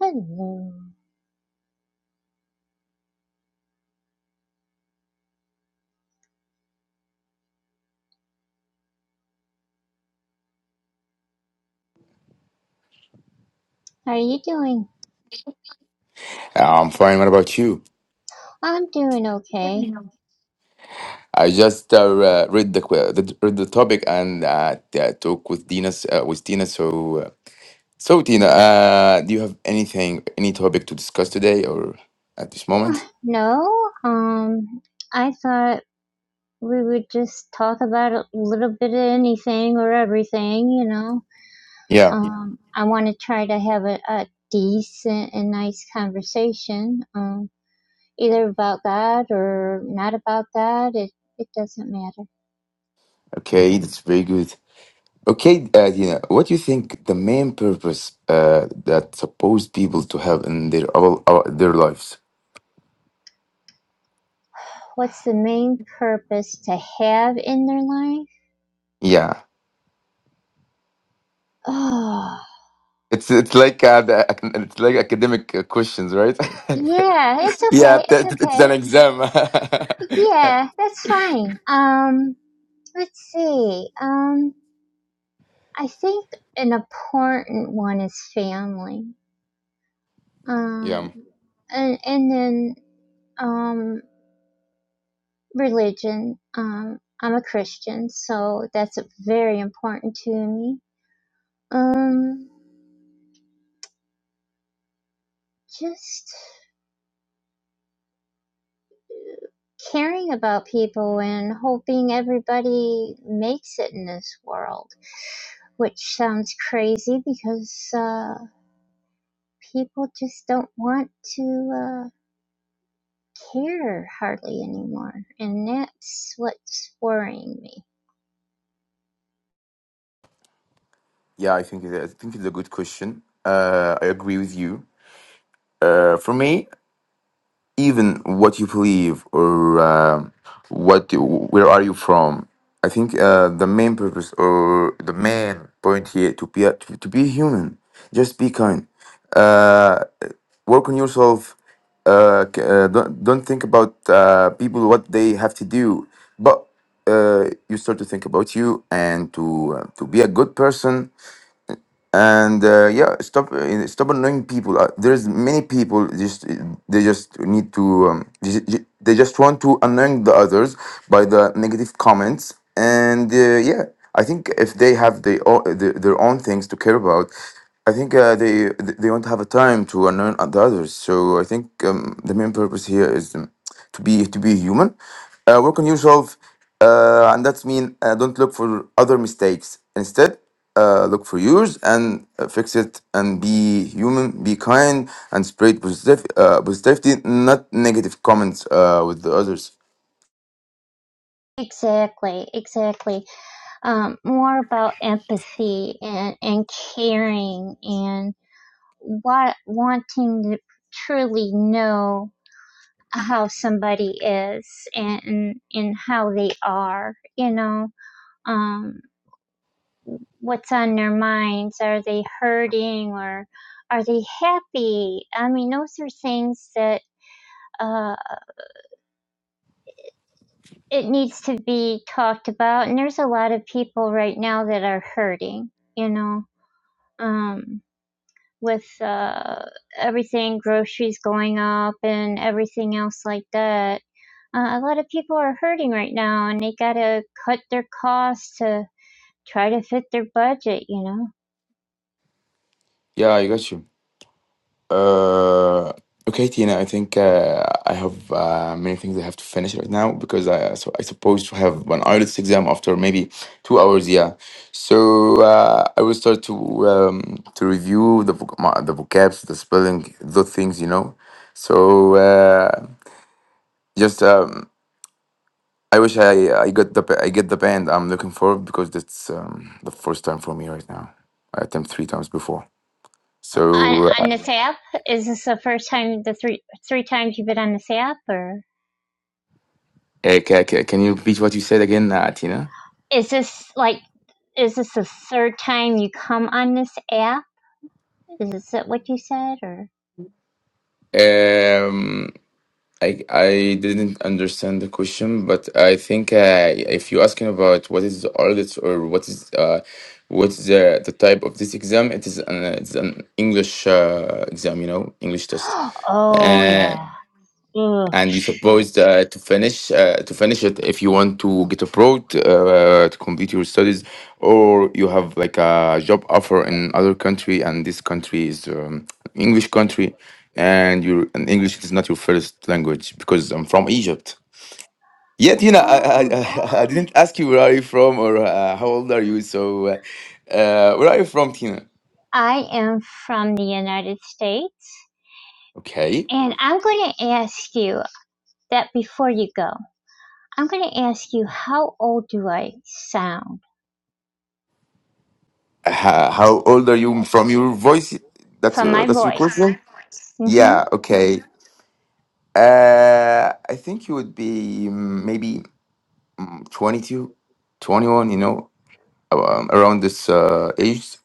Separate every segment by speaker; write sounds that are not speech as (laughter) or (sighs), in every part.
Speaker 1: Hello. How are you doing?
Speaker 2: I'm fine. What about you?
Speaker 1: I'm doing okay.
Speaker 2: I just uh, uh, read the, que- the read the topic and uh, t- uh, talk with Dina. s- Uh, with Tina, so uh, so Tina, uh, do you have anything, any topic to discuss today or at this moment?
Speaker 1: No, um, I thought we would just talk about a little bit of anything or everything, you know.
Speaker 2: Yeah.
Speaker 1: Yeah. Um, I want to try to have a, a decent and nice conversation, um, either about that or not about that. It, it doesn't matter.
Speaker 2: Okay, that's very good. Okay, uh, Dina, what do you think the main purpose uh, that supposed people to have in their all, all their lives?
Speaker 1: What's the main purpose to have in their life?
Speaker 2: Yeah,
Speaker 1: (sighs)
Speaker 2: it's it's like uh, the, it's like academic uh, questions, right?
Speaker 1: Oh,
Speaker 2: (laughs)
Speaker 1: yeah, it's
Speaker 2: Yeah,
Speaker 1: okay. It's
Speaker 2: that, that- it's
Speaker 1: okay.
Speaker 2: an exam.
Speaker 1: Yeah, that's fine. Um, let's see. Um, I think an important one is family.
Speaker 2: (laughs) yeah,
Speaker 1: Um, and and then um, religion. Um, I'm a Christian, so that's very important to me. Um, just caring about people and hoping everybody makes it in this world, which sounds crazy because. uh, people just don't want to uh, care hardly anymore, and that's what's worrying me.
Speaker 2: yeah. I think it- I think it's a good question. Uh, I agree with you. Uh, for me, even what you believe or uh, what you, where are you from i think uh, the main purpose or the main point here to be a, to, to be human just be kind uh, work on yourself uh, c- uh, don't, don't think about uh, people what they have to do but uh, you start to think about you and to uh, to be a good person and uh, yeah stop uh, stop annoying people uh, there's many people just they just need to um, they ju- they just want to annoying the others by the negative comments and uh, yeah i think if they have their own, their own things to care about i think uh, they they won't have a time to annoy the others so i think um, the main purpose here is um, to be to be human. Uh, work on yourself, uh, and that means uh, don't look for other mistakes. Instead, uh, look for yours and uh, fix it. And be human, be kind, and spread positive uh, positivity, not negative comments uh, with the others.
Speaker 1: Exactly, exactly. Um, more about empathy and, and caring and what wanting to truly know how somebody is and and how they are, you know. Um, what's on their minds. Are they hurting or are they happy? I mean, those are things that uh, it needs to be talked about. And there's a lot of people right now that are hurting, you know, um, with uh, everything, groceries going up and everything else like that. Uh, a lot of people are hurting right now and they got to cut their costs to try to fit their budget, you know.
Speaker 2: Yeah, I got you. Uh, okay, Tina, I think uh, I have uh, many things I have to finish right now because I so I supposed to have one IELTS exam after maybe two hours. Yeah, so uh, I will start to um, to review the voc- my, the vocabs, the spelling, those things, you know. So uh, just um, I wish I I got the pa- I get the band I'm looking for because that's um, the first time for me right now. I attempt three times before.
Speaker 1: on,
Speaker 2: So uh,
Speaker 1: on this app? Is this the first time, the three three times you've been on this app, or
Speaker 2: eh, ca- ca- can you repeat what you said again, uh, Tina?
Speaker 1: is this like is this the third time you come on this app? Is this what you said, or
Speaker 2: Um, I I didn't understand the question, but I think uh, if you asking about what is the audit or what is uh what's the the type of this exam, it is an it's an English uh, exam, you know, English
Speaker 1: (gasps)
Speaker 2: test.
Speaker 1: oh
Speaker 2: Uh,
Speaker 1: yeah, Ugh.
Speaker 2: and you're supposed uh, to finish uh, to finish it if you want to get abroad uh, to complete your studies or you have like a job offer in other country and this country is um, english country and your and english is not your first language because i'm from egypt yet you know i i,
Speaker 1: oh
Speaker 2: I (laughs) I didn't ask you where are you from or uh, how old are you so uh, uh, where are you from tina
Speaker 1: I am from the United States,
Speaker 2: okay
Speaker 1: and I'm going to ask you that before you go. I'm going to ask you how old do I sound
Speaker 2: uh, how old are you from your voice that's
Speaker 1: from
Speaker 2: uh,
Speaker 1: my
Speaker 2: that's your
Speaker 1: voice?
Speaker 2: question
Speaker 1: Mm-hmm.
Speaker 2: yeah okay Uh, I think he would be mm, maybe mm, 22, twenty-one, you know, um, around this uh, age.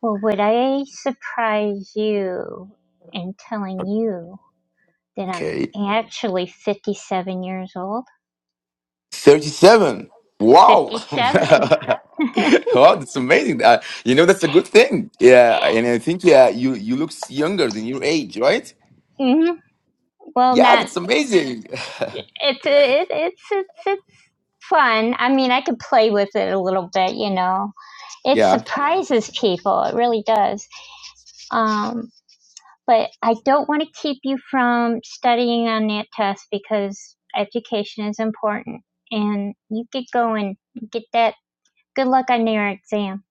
Speaker 1: Well, would I surprise you in telling you that I'm
Speaker 2: Okay.
Speaker 1: actually 57 years old?
Speaker 2: 37. Wow. (laughs)
Speaker 1: 57. (laughs)
Speaker 2: wow, that's amazing. Uh, you know, that's a good thing. Yeah. And I think, yeah, you, you look younger than your age, right?
Speaker 1: hmm Well,
Speaker 2: Yeah,
Speaker 1: not
Speaker 2: that's amazing.
Speaker 1: it's it, it's it's it's fun. I mean, I could play with it a little bit, you know.
Speaker 2: (laughs)
Speaker 1: It
Speaker 2: yeah.
Speaker 1: surprises people. It really does. Um, but I don't want to keep you from studying on that test because education is important, and you get going, get that Good luck on your exam.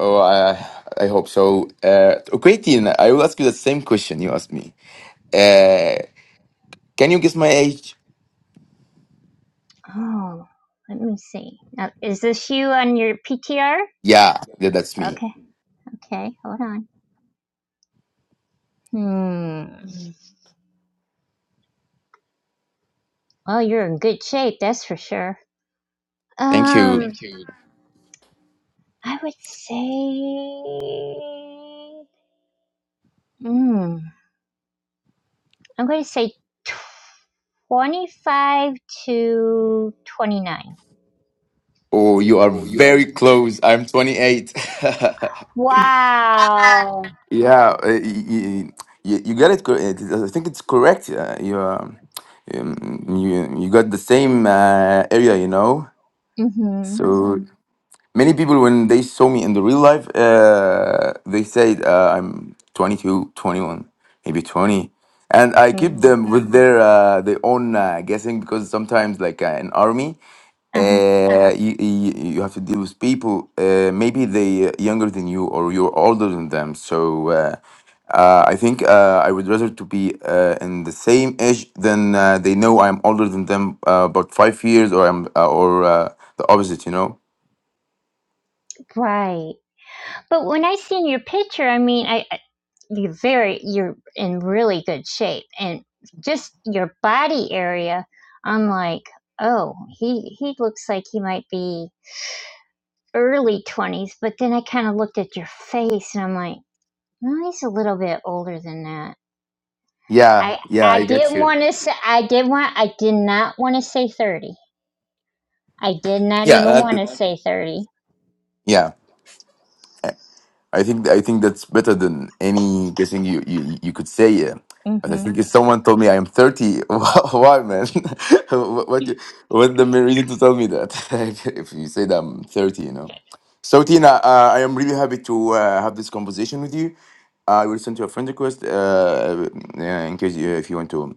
Speaker 2: Oh, I, I hope so. Uh, okay, Tina, I will ask you the same question you asked me. Uh, can you guess my age?
Speaker 1: Oh, let me see. Now, is this you on your PTR?
Speaker 2: Yeah, yeah, that's me.
Speaker 1: Okay, okay, hold on. Hmm. Well, you're in good shape, that's for sure.
Speaker 2: Thank you.
Speaker 1: Um, I would say. Hmm. I'm going to say 25 to 29.
Speaker 2: Oh, you are very close. I'm 28.
Speaker 1: Wow.
Speaker 2: (laughs) yeah, uh, you, you, you got it. cor- it- it- I think it's correct. Uh, you, um, um, you you got the same uh, area, you know.
Speaker 1: Mm-hmm.
Speaker 2: So Mhm. many people when they saw me in the real life, uh, they said uh, I'm 22, 21, maybe 20 and I keep
Speaker 1: Mm.
Speaker 2: them with Mhm. their uh, their own uh, guessing because sometimes like uh, in army
Speaker 1: Uh-huh.
Speaker 2: uh, you, you you have to deal with people. Uh, maybe they uh, younger than you or you're older than them. So uh, uh, I think uh, I would rather to be uh, in the same age than uh, they know I'm older than them uh, about five years or I'm uh, or uh, the opposite. You know?
Speaker 1: Right. But when I seen your picture, I mean, I, you very you're in really good shape and just your body area i'm like oh he he looks like he might be early 20s but then i kind of looked at your face and i'm like no he's a little bit older than that
Speaker 2: Yeah.
Speaker 1: i
Speaker 2: Yeah,
Speaker 1: i
Speaker 2: I get
Speaker 1: didn't
Speaker 2: you.
Speaker 1: want to say i did want i did not want to say 30 i did not
Speaker 2: Yeah.
Speaker 1: even want
Speaker 2: uh,
Speaker 1: to say 30
Speaker 2: yeah. I think I think that's better than any guessing you you, you could say. Yeah.
Speaker 1: hmm
Speaker 2: But I
Speaker 1: (laughs)
Speaker 2: think if someone told me I am thirty, (laughs) why, man? (laughs) what what do- what the main reason to tell me that? (laughs) if you say that I'm thirty, you know. So Tina, uh, I am really happy to uh, have this conversation with you. Uh, I will send you a friend request uh, uh, in case you, if you want to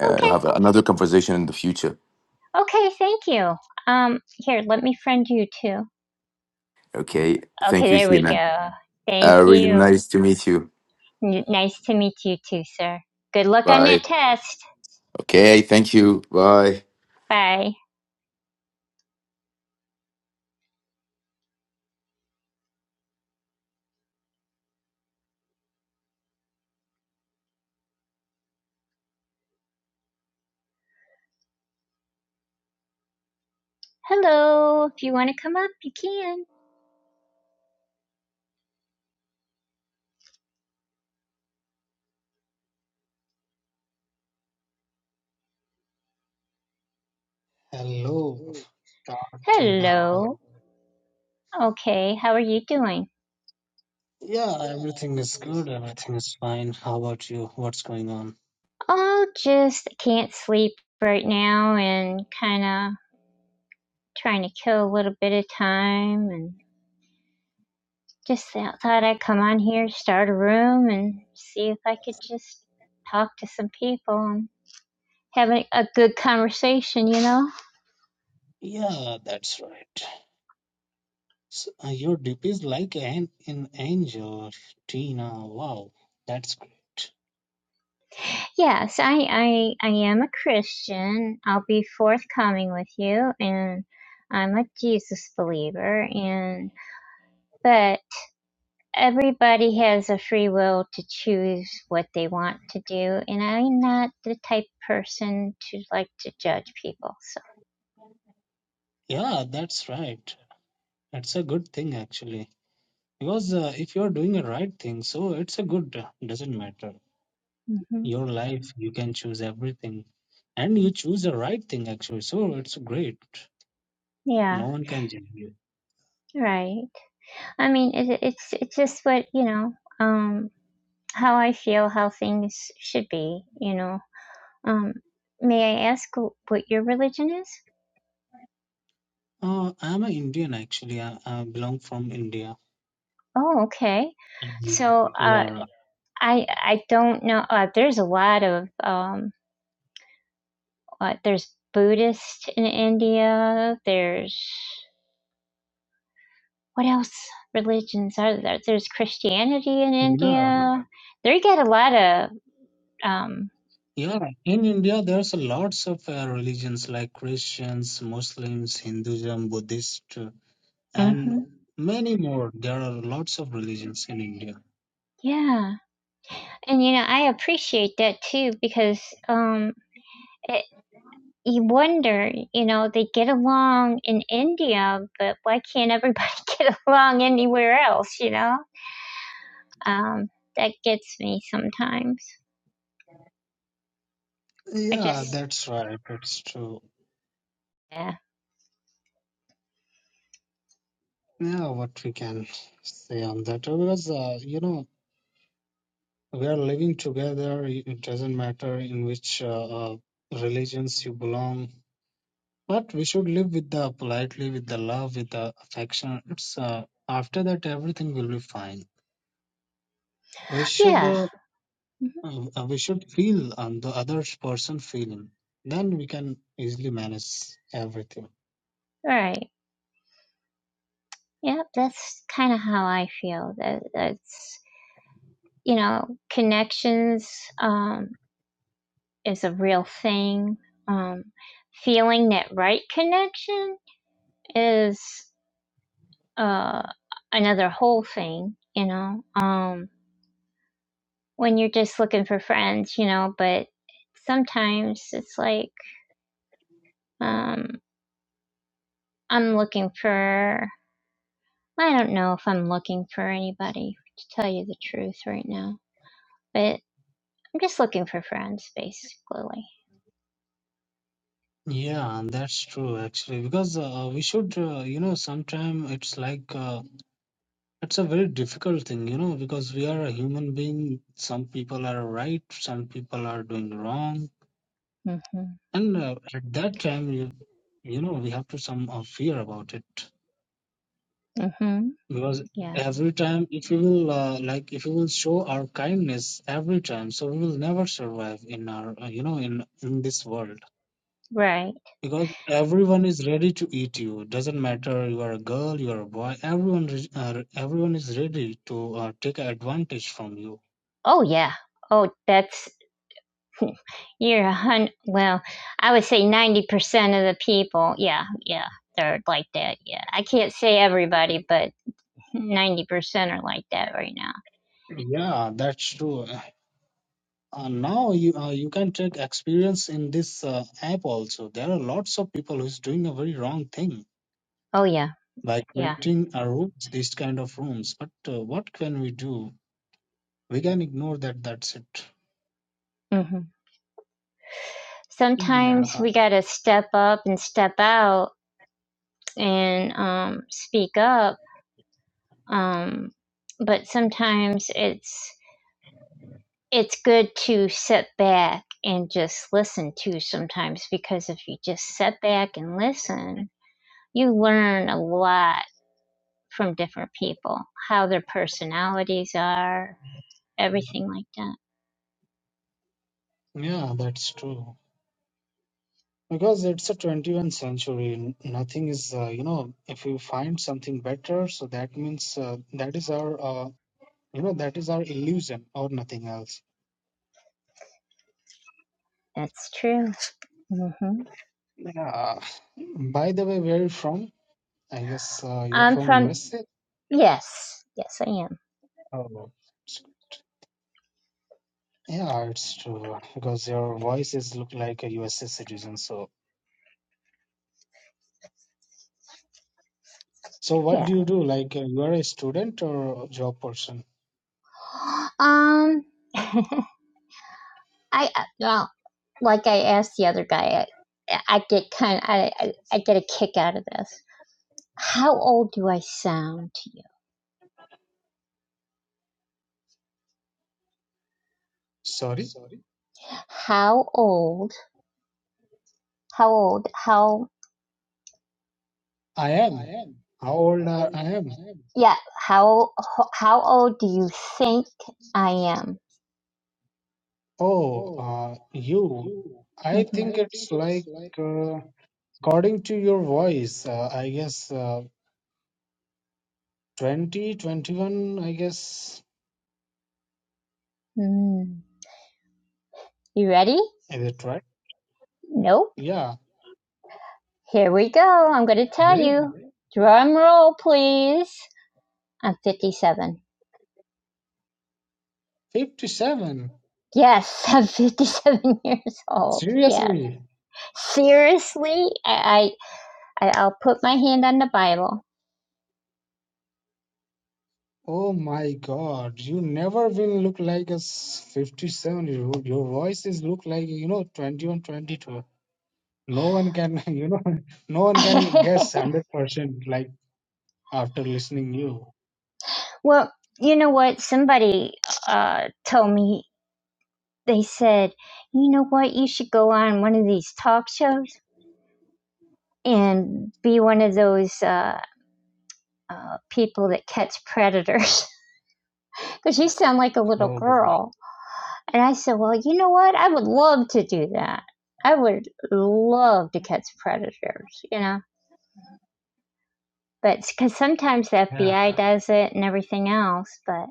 Speaker 2: uh, have
Speaker 1: Okay.
Speaker 2: another conversation in the future.
Speaker 1: Okay. Thank you. Um, here, let me friend you too.
Speaker 2: Okay.
Speaker 1: Okay,
Speaker 2: Thank you,
Speaker 1: there we
Speaker 2: Tina.
Speaker 1: go. Thank
Speaker 2: Uh, really
Speaker 1: you.
Speaker 2: nice to meet you.
Speaker 1: Nice to meet you too, sir. Good luck on
Speaker 2: Bye.
Speaker 1: that test.
Speaker 2: Okay. Thank you. Bye.
Speaker 1: Bye. Hello. If you want to come up, you can.
Speaker 3: Hello, Tina. How are
Speaker 1: Hello.
Speaker 3: you?
Speaker 1: Okay, how are you doing?
Speaker 3: Yeah, everything is good. Everything is fine. How about you? What's going on?
Speaker 1: Oh, just can't sleep right now and kind of trying to kill a little bit of time and just thought thought I'd come on here, start a room, and see if I could just talk to some people and have a, a good conversation, you know?
Speaker 3: Yeah, that's right. So, uh, your DP is like an, an angel, Tina. Wow, that's great.
Speaker 1: Yes, I, I I am a Christian. I'll be forthcoming with you and I'm a Jesus believer and but everybody has a free will to choose what they want to do and I'm not the type of person to like to judge people. So
Speaker 3: Yeah, that's right. It's a good thing actually. Because uh, if you're doing the right thing, so it's a good, doesn't matter.
Speaker 1: hmm
Speaker 3: Your life, you can choose everything. And you choose the right thing actually, so it's great.
Speaker 1: yeah,
Speaker 3: No one can judge you.
Speaker 1: right. I mean it, it's it's just what, you know, um how I feel how things should be, you know. Um may I ask wh- what your religion is?
Speaker 3: Uh, I'm an Indian actually. I, I belong from India.
Speaker 1: Oh, okay.
Speaker 3: Mhm.
Speaker 1: So uh,
Speaker 3: Yeah.
Speaker 1: I I don't know. Uh, there's a lot of um. Uh, there's Buddhist in India. There's what else religions are there? There's Christianity in
Speaker 3: Yeah.
Speaker 1: India. They get a lot of um.
Speaker 3: Yeah. In India, there's a lots of uh, religions like Christians, Muslims, Hinduism, Buddhist, uh, and
Speaker 1: hmm
Speaker 3: many more. There are lots of religions in India.
Speaker 1: Yeah, and you know I appreciate that too because um. It, you wonder, you know, they get along in India, but why can't everybody (laughs) get along anywhere else, you know? Um, that gets me sometimes. I
Speaker 3: Yeah,
Speaker 1: just,
Speaker 3: that's right. It's true.
Speaker 1: yeah.
Speaker 3: Yeah, what we can say on that Uh, because uh, you know we are living together. It it doesn't matter in which uh, uh, religions you belong. But we should live with the politely, with the love, with the affection. It's, uh, after that, everything will be fine. We should
Speaker 1: Yeah.
Speaker 3: uh,
Speaker 1: Mhm.
Speaker 3: uh, we should feel and the other person feeling. Then we can easily manage everything.
Speaker 1: Right. Yep. That's kind of how I feel. That that's you know connections um, is a real thing. Um, feeling that right connection is uh, another whole thing. You know, um, when you're just looking for friends, you know, but sometimes it's like um, I'm looking for I don't know if I'm looking for anybody, to tell you the truth right now. But I'm just looking for friends, basically.
Speaker 3: Yeah, and that's true actually because uh, we should uh, you know sometime it's like uh, it's a very difficult thing you know because we are a human being. Some people are right, some people are doing wrong,
Speaker 1: Mm-hmm.
Speaker 3: and uh, at that time you you know we have to some uh, fear about it
Speaker 1: Mm-hmm.
Speaker 3: because
Speaker 1: Yeah.
Speaker 3: every time if we will uh, like if we will show our kindness every time so we will never survive in our uh, you know in in this world
Speaker 1: Right.
Speaker 3: because everyone is ready to eat you doesn't matter you are a girl you are a boy everyone is- uh, everyone is ready to uh, take advantage from you
Speaker 1: Oh, yeah. Oh, that's, (laughs) you're a hundred. well, I would say 90% of the people. Yeah. Yeah. They're like that. Yeah. I can't say everybody, but ninety percent are like that right now.
Speaker 3: yeah that's true uh, now you uh, you can take experience in this uh, app also there are lots of people who's doing a very wrong thing
Speaker 1: Oh yeah,
Speaker 3: like
Speaker 1: yeah.
Speaker 3: renting our rooms, these kind of rooms. But uh, what can we do? We can ignore that. That's it.
Speaker 1: hmm Sometimes
Speaker 3: Yeah,
Speaker 1: we gotta step up and step out and um, speak up, um, but sometimes it's it's good to sit back and just listen to. Sometimes because if you just sit back and listen, you learn a lot from different people, how their personalities are, everything like that.
Speaker 3: yeah, that's true. Because it's a 21st century. n- Nothing is, uh, you know, if you find something better, so that means uh, that is our, uh, you know, that is our illusion or nothing else.
Speaker 1: That's true. hmm
Speaker 3: Yeah. By the way, where are you from? I guess uh, you're
Speaker 1: I'm
Speaker 3: from
Speaker 1: from,
Speaker 3: USA.
Speaker 1: yes, yes, I am.
Speaker 3: Oh, yeah, it's true. Because your voices look like a USA citizen, so. So what
Speaker 1: Yeah.
Speaker 3: do you do? Like uh, you are a student or a job person?
Speaker 1: (gasps) Um, (laughs) I, I- well, like I asked the other guy, I, I get kind of, I, I I get a kick out of this. How old do I sound to you?
Speaker 3: Sorry,
Speaker 1: How old, how old, how,
Speaker 3: I am. How old are I am?
Speaker 1: yeah, how, how old do you think I am?
Speaker 3: Oh, uh, you. I
Speaker 1: Mm-hmm.
Speaker 3: think it's like uh, according to your voice, uh, I guess uh, 20, twenty-one, I guess.
Speaker 1: Mm. You ready?
Speaker 3: Is it right?
Speaker 1: Nope.
Speaker 3: Yeah.
Speaker 1: Here we go. I'm going to tell
Speaker 3: Really?
Speaker 1: you. yeah, Drum roll, please. I'm 57.
Speaker 3: 57.
Speaker 1: Yes, (laughs) I'm 57 years old. Yes.
Speaker 3: Seriously?
Speaker 1: Seriously, I, I I- I'll put my hand on the Bible.
Speaker 3: Oh my God, you never will look like a s- 57 year old. Your voice is look like, you know, 21, 22. no one can (laughs) you know no one can guess
Speaker 1: (laughs)
Speaker 3: 100% like after listening you
Speaker 1: well, you know what? Somebody uh, told me. They said, you know what? You should go on one of these talk shows and be one of those. uh. uh, people that catch predators because (laughs) you sound like a little
Speaker 3: Oh,
Speaker 1: girl. And I said, Well, you know what? I would love to do that. I would love to catch predators, you know, but because sometimes the
Speaker 3: yeah.
Speaker 1: FBI does it and everything else. But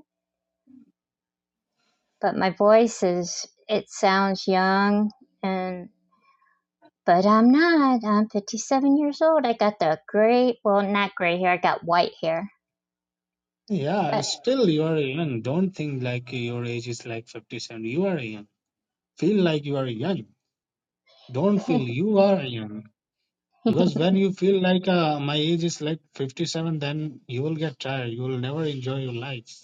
Speaker 1: but my voice is it sounds young and but I'm not. I'm 57 years old. I got the great, well, not gray hair. I got white hair.
Speaker 3: yeah
Speaker 1: But
Speaker 3: still you are young don't think like your age is like 57 you are young feel like you are young don't
Speaker 1: (laughs)
Speaker 3: feel you are young
Speaker 1: yeah.
Speaker 3: because when you feel like uh, my age is like 57 then you will get tired you will never enjoy your life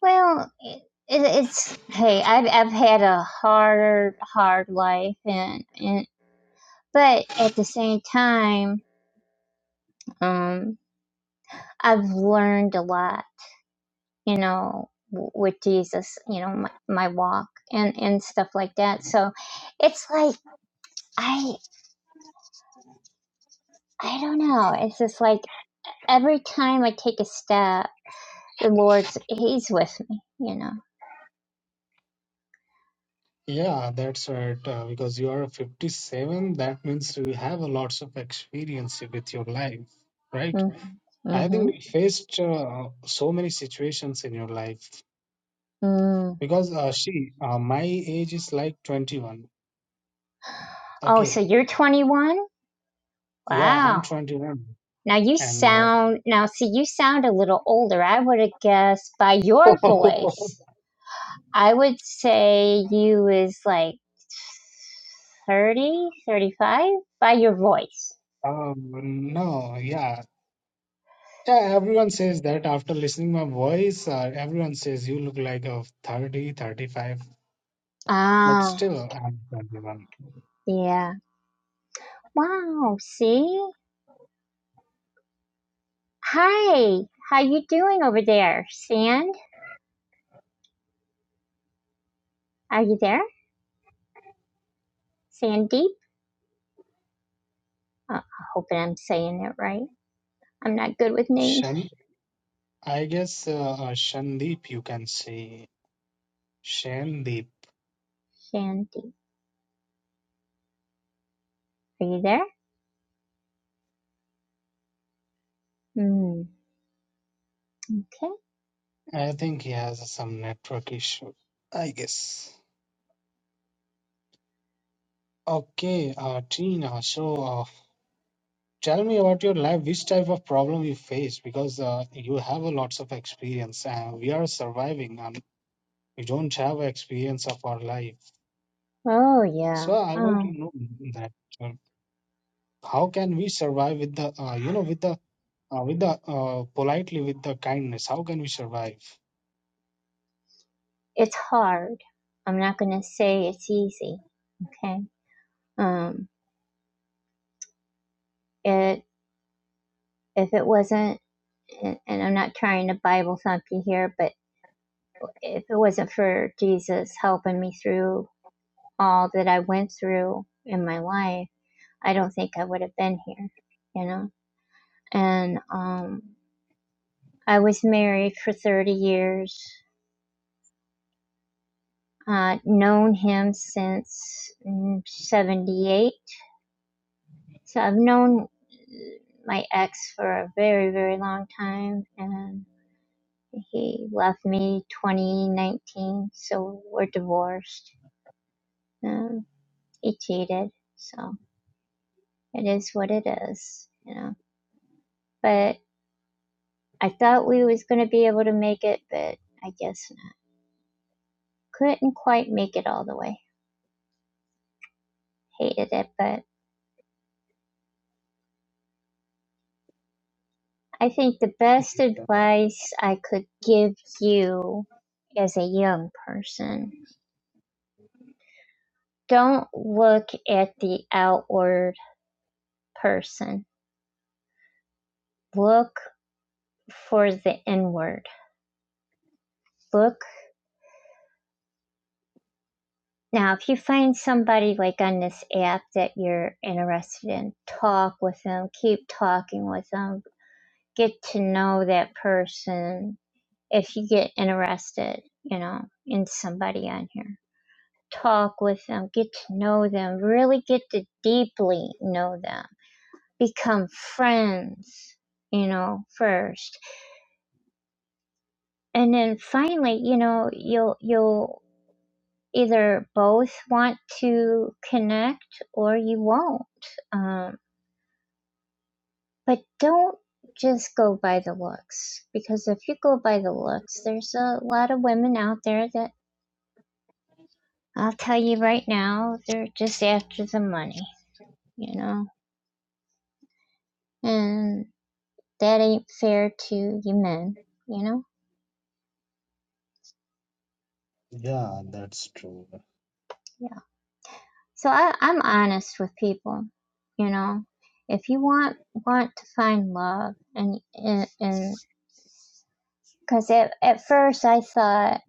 Speaker 1: Well, it, it, it's hey, I've I've had a hard, hard life, and and but at the same time, um, I've learned a lot, you know, w- with Jesus, you know, my, my walk and and stuff like that. So, it's like I I don't know. It's just like every time I take a step, the Lord's He's with me, you know.
Speaker 3: yeah that's right uh, because you are 57 that means you have a lots of experience with your life right
Speaker 1: Mm-hmm.
Speaker 3: I think we
Speaker 1: Mm-hmm.
Speaker 3: faced uh, so many situations in your life
Speaker 1: Mm.
Speaker 3: because uh, she, uh, my age is like 21.
Speaker 1: Oh, so
Speaker 3: Okay.
Speaker 1: you're 21?
Speaker 3: Yeah, I'm
Speaker 1: Wow.
Speaker 3: 21.
Speaker 1: Now you
Speaker 3: And uh,
Speaker 1: sound now see you sound a little older. I would have guessed by your
Speaker 3: (laughs)
Speaker 1: voice. I would say you is like 30, 35. by your voice.
Speaker 3: um, no, yeah. Yeah, everyone says that after listening my voice, uh, everyone says you look like a 30, 35. but
Speaker 1: Oh,
Speaker 3: still I'm 21.
Speaker 1: yeah. Wow, see? Hi. How you doing over there? Sand? Are you there? Sandeep? Oh, I'm hoping I'm saying it right. I'm not good with names.
Speaker 3: Shan, I guess uh, uh, Shandeep, you can say Shandeep.
Speaker 1: Sandeep. Are you there? Hmm. Okay.
Speaker 3: I think he has some network issue, I guess. Okay, uh, Tina, so uh, tell me about your life, which type of problem you face because uh, you have a lots of experience and we are surviving and we don't have experience of our life.
Speaker 1: Oh, yeah.
Speaker 3: So I
Speaker 1: Oh.
Speaker 3: want to know that uh, how can we survive with the uh, you know with the uh, with the uh, politely with the kindness? How can we survive?
Speaker 1: it's hard. I'm not going to say it's easy. Okay. Um, it, if it wasn't, and I'm not trying to Bible thump you here, but if it wasn't for Jesus helping me through all that I went through in my life, I don't think I would have been here, you know? And, um, I was married for 30 years, uh, known him since mm, 78 So I've known my ex for a very, very long time, and he left me 2019, so we're divorced. Um, he cheated, so it is what it is, you know. But I thought we was gonna be able to make it, but I guess not. couldn't quite make it all the way. Hated it, but I think the best advice I could give you as a young person Don't look at the outward person. Look for the inward. Look now, if you find somebody like on this app that you're interested in, talk with them, keep talking with them, get to know that person. If you get interested, you know, in somebody on here, talk with them, get to know them, really get to deeply know them, become friends, you know, first. and then finally you know you'll you'll either both want to connect or you won't um, but don't just go by the looks because if you go by the looks there's a lot of women out there that i'll tell you right now they're just after the money you know and that ain't fair to you men you know
Speaker 3: Yeah, that's true.
Speaker 1: So I, I'm honest with people, you know. If you want want to find love, and and and because at at first I thought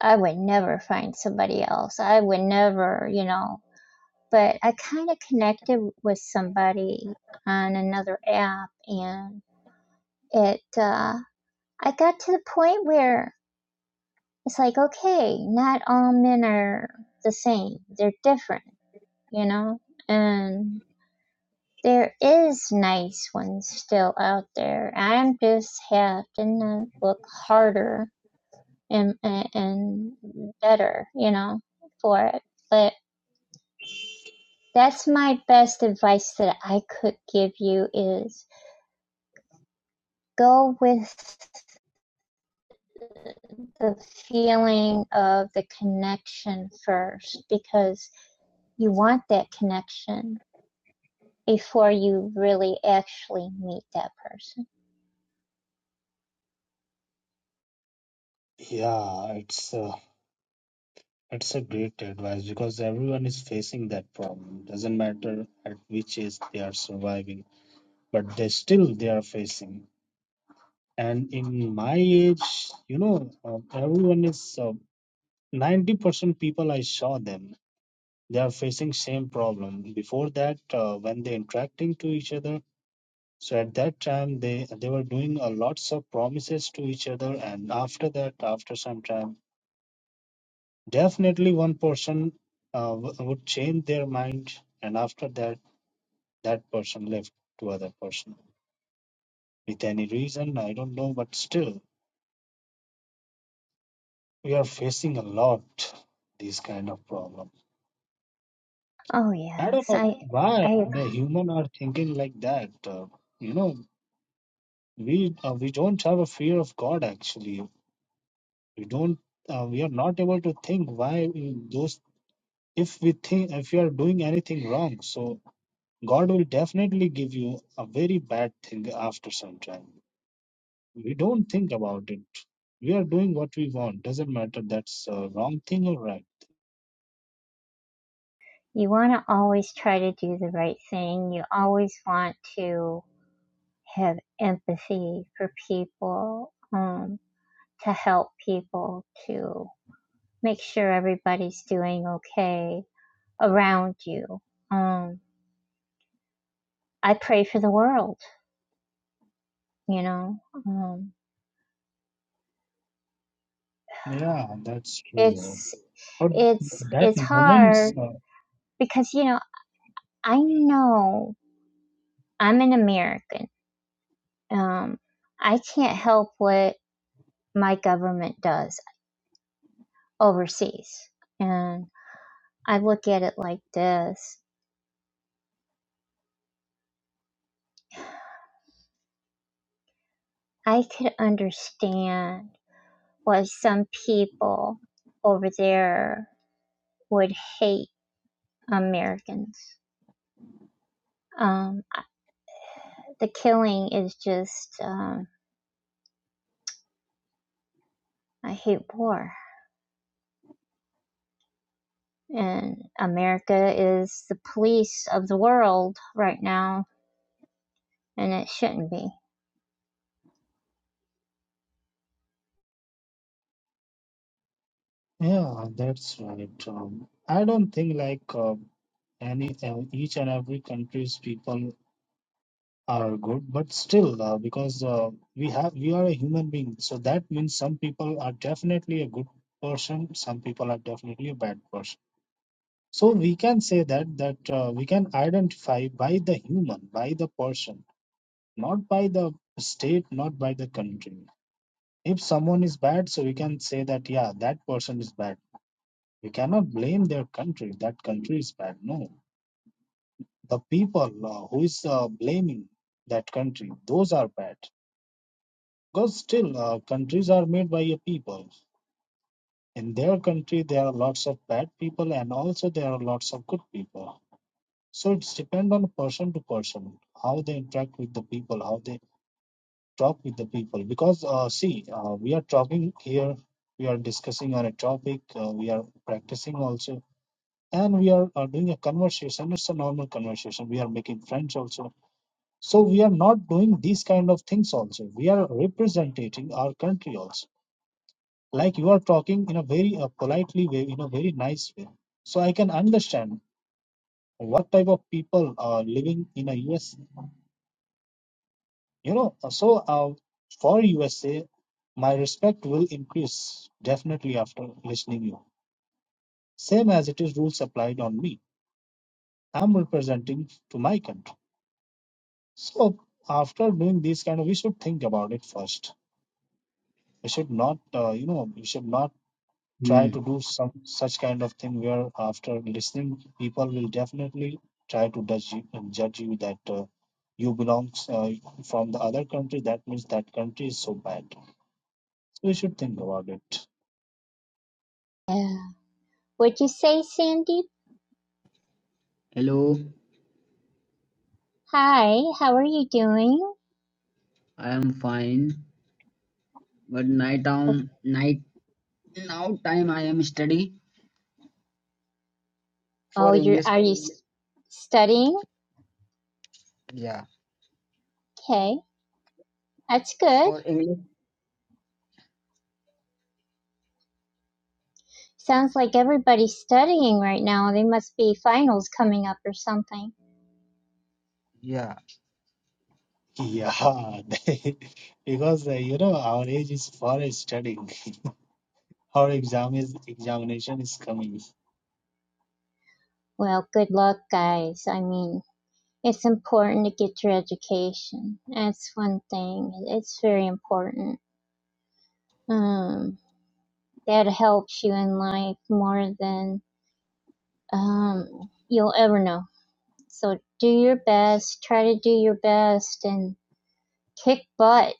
Speaker 1: I would never find somebody else. I would never, you know. But I kind of connected with somebody on another app, and it uh, I got to the point where it's like, okay, not all men are the same. They're different, you know, and There is nice ones still out there. I'm just having to look harder and, and and better, you know, for it. But that's my best advice that I could give you is go with the feeling of the connection first because you want that connection before you really actually meet that person.
Speaker 3: Yeah, it's uh, It's a great advice because everyone is facing that problem. Doesn't matter at which age they are surviving, but they still they are facing. And in my age, you know, uh, everyone is uh, 90% people I saw them. They are facing same problem. Before that, uh, when they interacting to each other, so at that time they they were doing a lots of promises to each other, and after that, after some time Definitely, one person uh, w- would change their mind, and after that, that person left to other person with any reason. I don't know, but still, we are facing a lot these kind of problem.
Speaker 1: Oh
Speaker 3: I don't
Speaker 1: yes,
Speaker 3: know
Speaker 1: I I
Speaker 3: why the
Speaker 1: agree.
Speaker 3: human are thinking like that. Uh, you know, we uh, we don't have a fear of God. Actually, we don't. Uh, we are not able to think why we- those. If we think if we are doing anything wrong, so God will definitely give you a very bad thing after some time. We don't think about it. We are doing what we want. Doesn't matter that's a wrong thing or right.
Speaker 1: you want to always try to do the right thing. You always want to have empathy for people, um, to help people, to make sure everybody's doing okay around you. Um, I pray for the world, you know. Um,
Speaker 3: Yeah, that's true.
Speaker 1: it's
Speaker 3: But
Speaker 1: it's
Speaker 3: that
Speaker 1: it's
Speaker 3: moments.
Speaker 1: hard
Speaker 3: Uh,
Speaker 1: because you know I know I'm an American. Um, I can't help what my government does. overseas. And I look at it like this I could understand why some people over there would hate Americans. Um, I- the killing is just, um, I hate war. And America is the police of the world right now and it shouldn't be.
Speaker 3: yeah, that's right. Um, I don't think like uh, any uh, each and every country's people are good, but still uh, because uh, we have we are a human being, so that means some people are definitely a good person, some people are definitely a bad person So we can say that that uh, we can identify by the human, by the person, not by the state, not by the country. If someone is bad, so we can say that yeah, that person is bad. We cannot blame their country. That country is bad. No, the people uh, who is uh, blaming that country, those are bad. Because still, uh, countries are made by a people. In their country, there are lots of bad people, and also there are lots of good people So it's depend on person to person, how they interact with the people, how they talk with the people. Because uh, see, uh, we are talking here, we are discussing on a topic, uh, we are practicing also, and we are uh, doing a conversation. It's a normal conversation. We are making friends also. So we are not doing these kind of things also. We are representing our country also. Like you are talking in a very uh, politely way, in a very nice way. So I can understand what type of people are living in a US You know, uh, so uh, for USA, my respect will increase definitely after listening you. Same as it is rules applied on me. I'm representing to my country. So after doing this kind of, we should think about it first. We should not, uh, you know, we should not
Speaker 4: Hmm.
Speaker 3: try to do some such kind of thing where after listening, people will definitely try to judge you, judge you that uh, you belongs uh, from the other country. That means that country is so bad. So we should think about it.
Speaker 1: Yeah. Would you say, Sandy?
Speaker 4: Hello,
Speaker 1: Hi, how are you doing?
Speaker 4: I am fine, but night time, night now time I am study
Speaker 1: Oh,
Speaker 4: for
Speaker 1: you're
Speaker 4: English.
Speaker 1: are you s- studying?
Speaker 4: Yeah,
Speaker 1: Okay, that's good.
Speaker 4: for English.
Speaker 1: Sounds like everybody's studying right now. They must be finals coming up or something.
Speaker 4: Yeah,
Speaker 3: Yeah, (laughs) they- because uh, you know our age is for studying. (laughs) Our exam is examination is coming.
Speaker 1: Well, good luck, guys. I mean, it's important to get your education. That's one thing. It's very important. Um, that helps you in life more than um, you'll ever know. So do your best, try to do your best and kick butt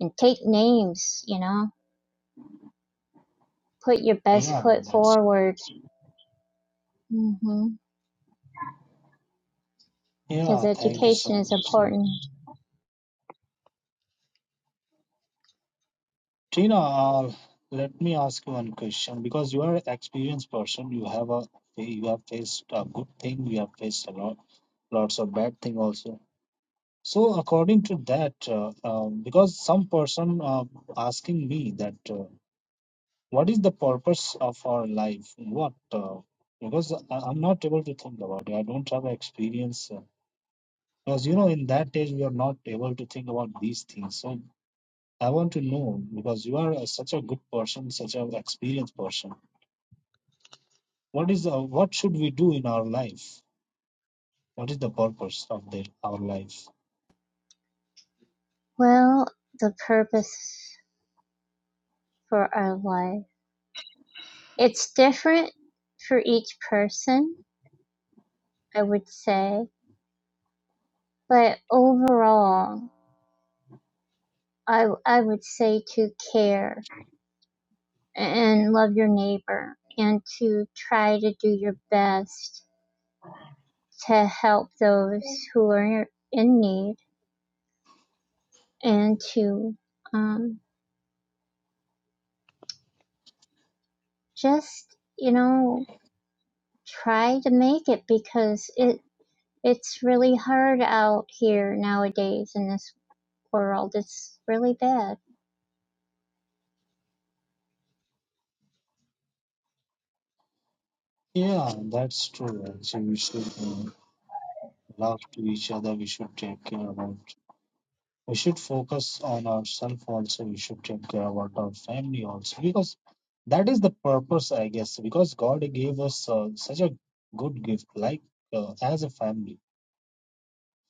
Speaker 1: and take names, you know, put your best
Speaker 3: Yeah,
Speaker 1: foot
Speaker 3: that's right.
Speaker 1: forward. hmm Because
Speaker 3: Yeah, thank you
Speaker 1: education
Speaker 3: so
Speaker 1: is
Speaker 3: much. Tina,
Speaker 1: important.
Speaker 3: Tina, uh, let me ask you one question because you are an experienced person. You have a you have faced a good thing. You have faced a lot lots of bad thing also. So according to that, uh, um, because some person uh, asking me that. uh, what is the purpose of our life what uh, because I, i'm not able to think about it i don't have experience uh, because you know in that age we are not able to think about these things so i want to know because you are a, such a good person such an experienced person what is the, what should we do in our life what is the purpose of the, our life
Speaker 1: Well, the purpose for our life. It's different for each person, I would say, but overall, I, I would say to care and love your neighbor and to try to do your best to help those who are in need and to um, just you know try to make it because it it's really hard out here nowadays in this world it's really bad
Speaker 3: yeah that's true actually we should uh, love to each other we should take care about we should focus on ourselves also we should take care about our family also because that is the purpose i guess because god gave us uh, such a good gift like uh, as a family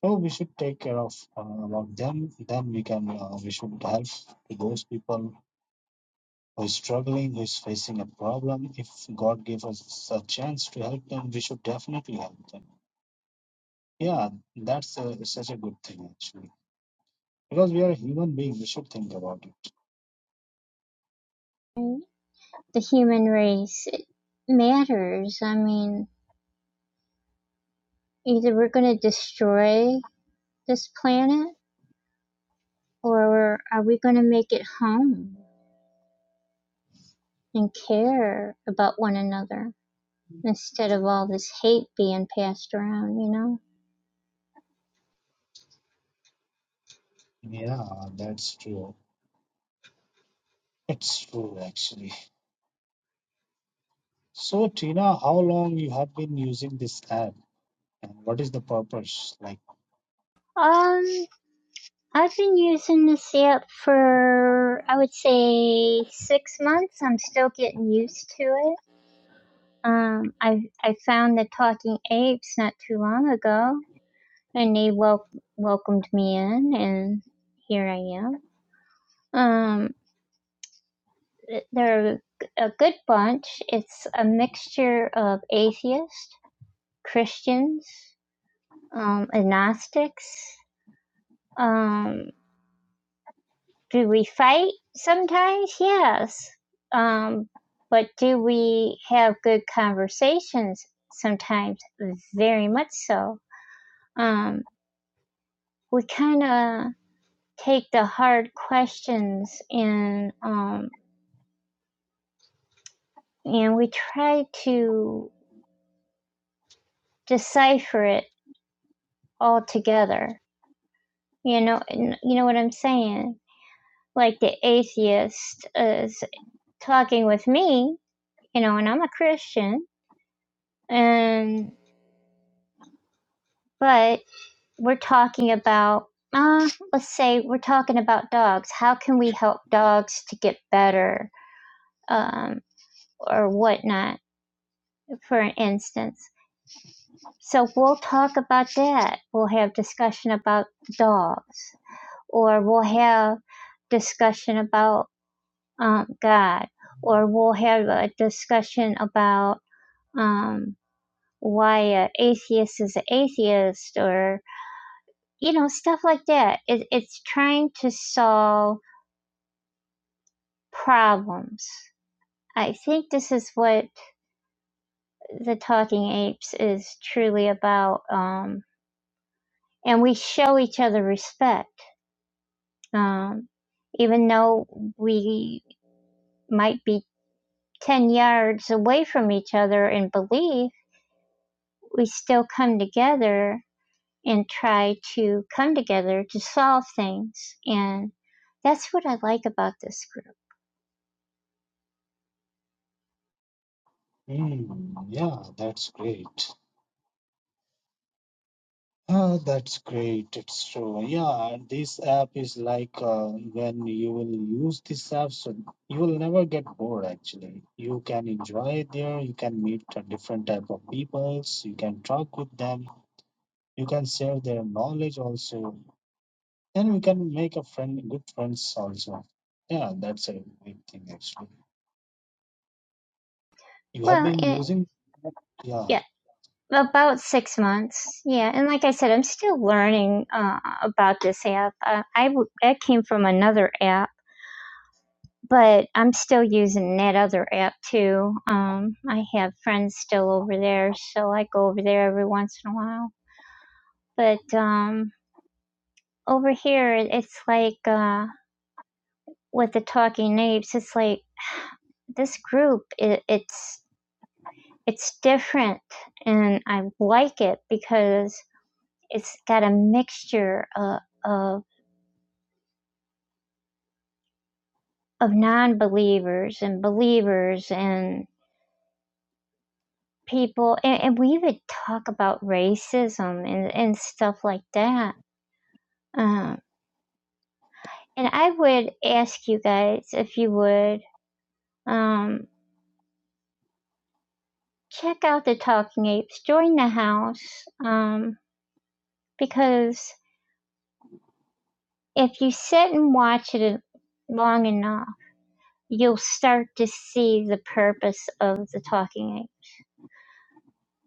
Speaker 3: so we should take care of uh, about them then we can uh, we should help those people who is struggling who is facing a problem if god gave us a chance to help them we should definitely help them yeah that's uh such a good thing actually because we are a human being we should think about it
Speaker 1: right? the human race it matters i mean either we're going to destroy this planet or are we going to make it home and care about one another instead of all this hate being passed around, you know?
Speaker 3: Yeah, that's true. It's true actually. So Tina, how long you have been using this app and what is the purpose? Like,
Speaker 1: Um, I've been using this app for, I would say, six months. I'm still getting used to it. Um, I I found the Talking Apes not too long ago, and they wel- welcomed me in, and here I am. Um, they're a good bunch. It's a mixture of atheists, Christians, um, agnostics, um, do we fight sometimes? Yes. Um, but do we have good conversations sometimes? Very much so. Um, we kind of take the hard questions and um, and we try to decipher it all together. You know, you know what I'm saying. Like the atheist is talking with me, you know, and I'm a Christian, and but we're talking about, uh, let's say we're talking about dogs. How can we help dogs to get better um, or whatnot, for instance? So we'll talk about that. We'll have discussion about the dogs, or we'll have discussion about um, God, or we'll have a discussion about um, why an atheist is an atheist, or you know stuff like that. It, it's trying to solve problems. I think this is what the Talking Apes is truly about. Um, and we show each other respect, um, even though we might be 10 yards away from each other in belief, we still come together and try to come together to solve things. And that's what I like about this group.
Speaker 3: hmm, yeah, that's great. Ah, that's great. It's true. Yeah, and this app is like uh, when you will use this app, so you will never get bored actually. You can enjoy it there. You can meet a different type of peoples. You can talk with them. You can share their knowledge also. Then we can make a friend, good friends also. Yeah, that's a great thing actually. You have
Speaker 1: Well,
Speaker 3: been
Speaker 1: it,
Speaker 3: using, yeah,
Speaker 1: yeah. About six months, yeah. And like I said, I'm still learning uh, about this app. Uh, I w- I came from another app, but I'm still using that other app too. Um, I have friends still over there, so I go over there every once in a while. But um, over here, it- it's like uh, with the Talking Apes, it's like this group. It, it's it's different, and I like it because it's got a mixture of of of non-believers and believers and people and, and we even talk about racism and, and stuff like that um, and i would ask you guys if you would um, check out the talking apes join the house um, because if you sit and watch it long enough you'll start to see the purpose of the talking apes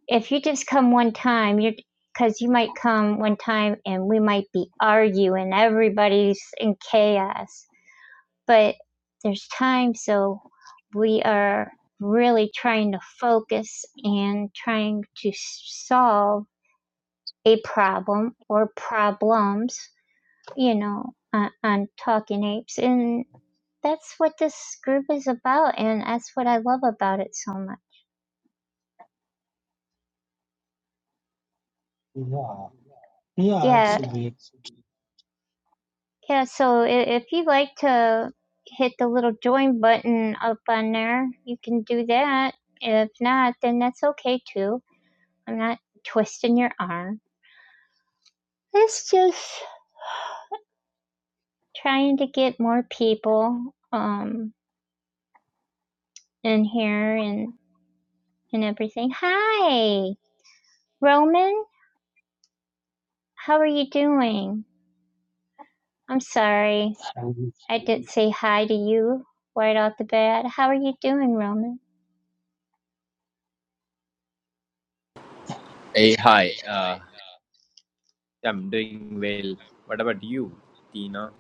Speaker 1: if you just come one time, you're because you might come one time and we might be arguing, everybody's in chaos. But there's time, so we are really trying to focus and trying to solve a problem or problems, you know, on, on Talking Apes. And that's what this group is about, and that's what I love about it so much.
Speaker 3: yeah, yeah. It's
Speaker 1: Yeah,
Speaker 3: a great.
Speaker 1: Yeah, so i- if you like to hit the little join button up on there, you can do that. If not, then that's okay too. I'm not twisting your arm. It's just trying to get more people um in here and and everything. Hi, Roman. How are you doing? I'm sorry.
Speaker 3: Um,
Speaker 1: I didn't say hi to you right off the bat. How are you doing, Roman?
Speaker 5: Hey, hi. Uh, yeah, I'm doing well. What about you, Tina?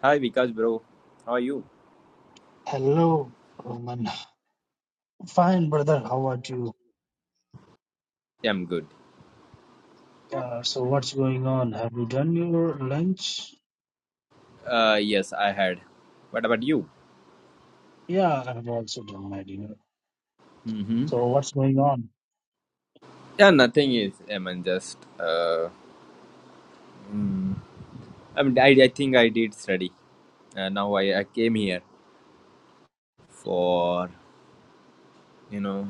Speaker 5: Hi, Vikas, bro. How are you?
Speaker 3: Hello, Roman. Fine, brother. How about you?
Speaker 5: Yeah, I'm good.
Speaker 3: Yeah. So what's going on? Have you done your lunch?
Speaker 5: Uh, yes, I had. What about you?
Speaker 3: Yeah, I've also done my dinner.
Speaker 5: Mm-hmm.
Speaker 3: So what's going on?
Speaker 5: Yeah, nothing is. I mean, just. Uh, mm, I mean, I, I think I did study. Uh, now I, I came here for you know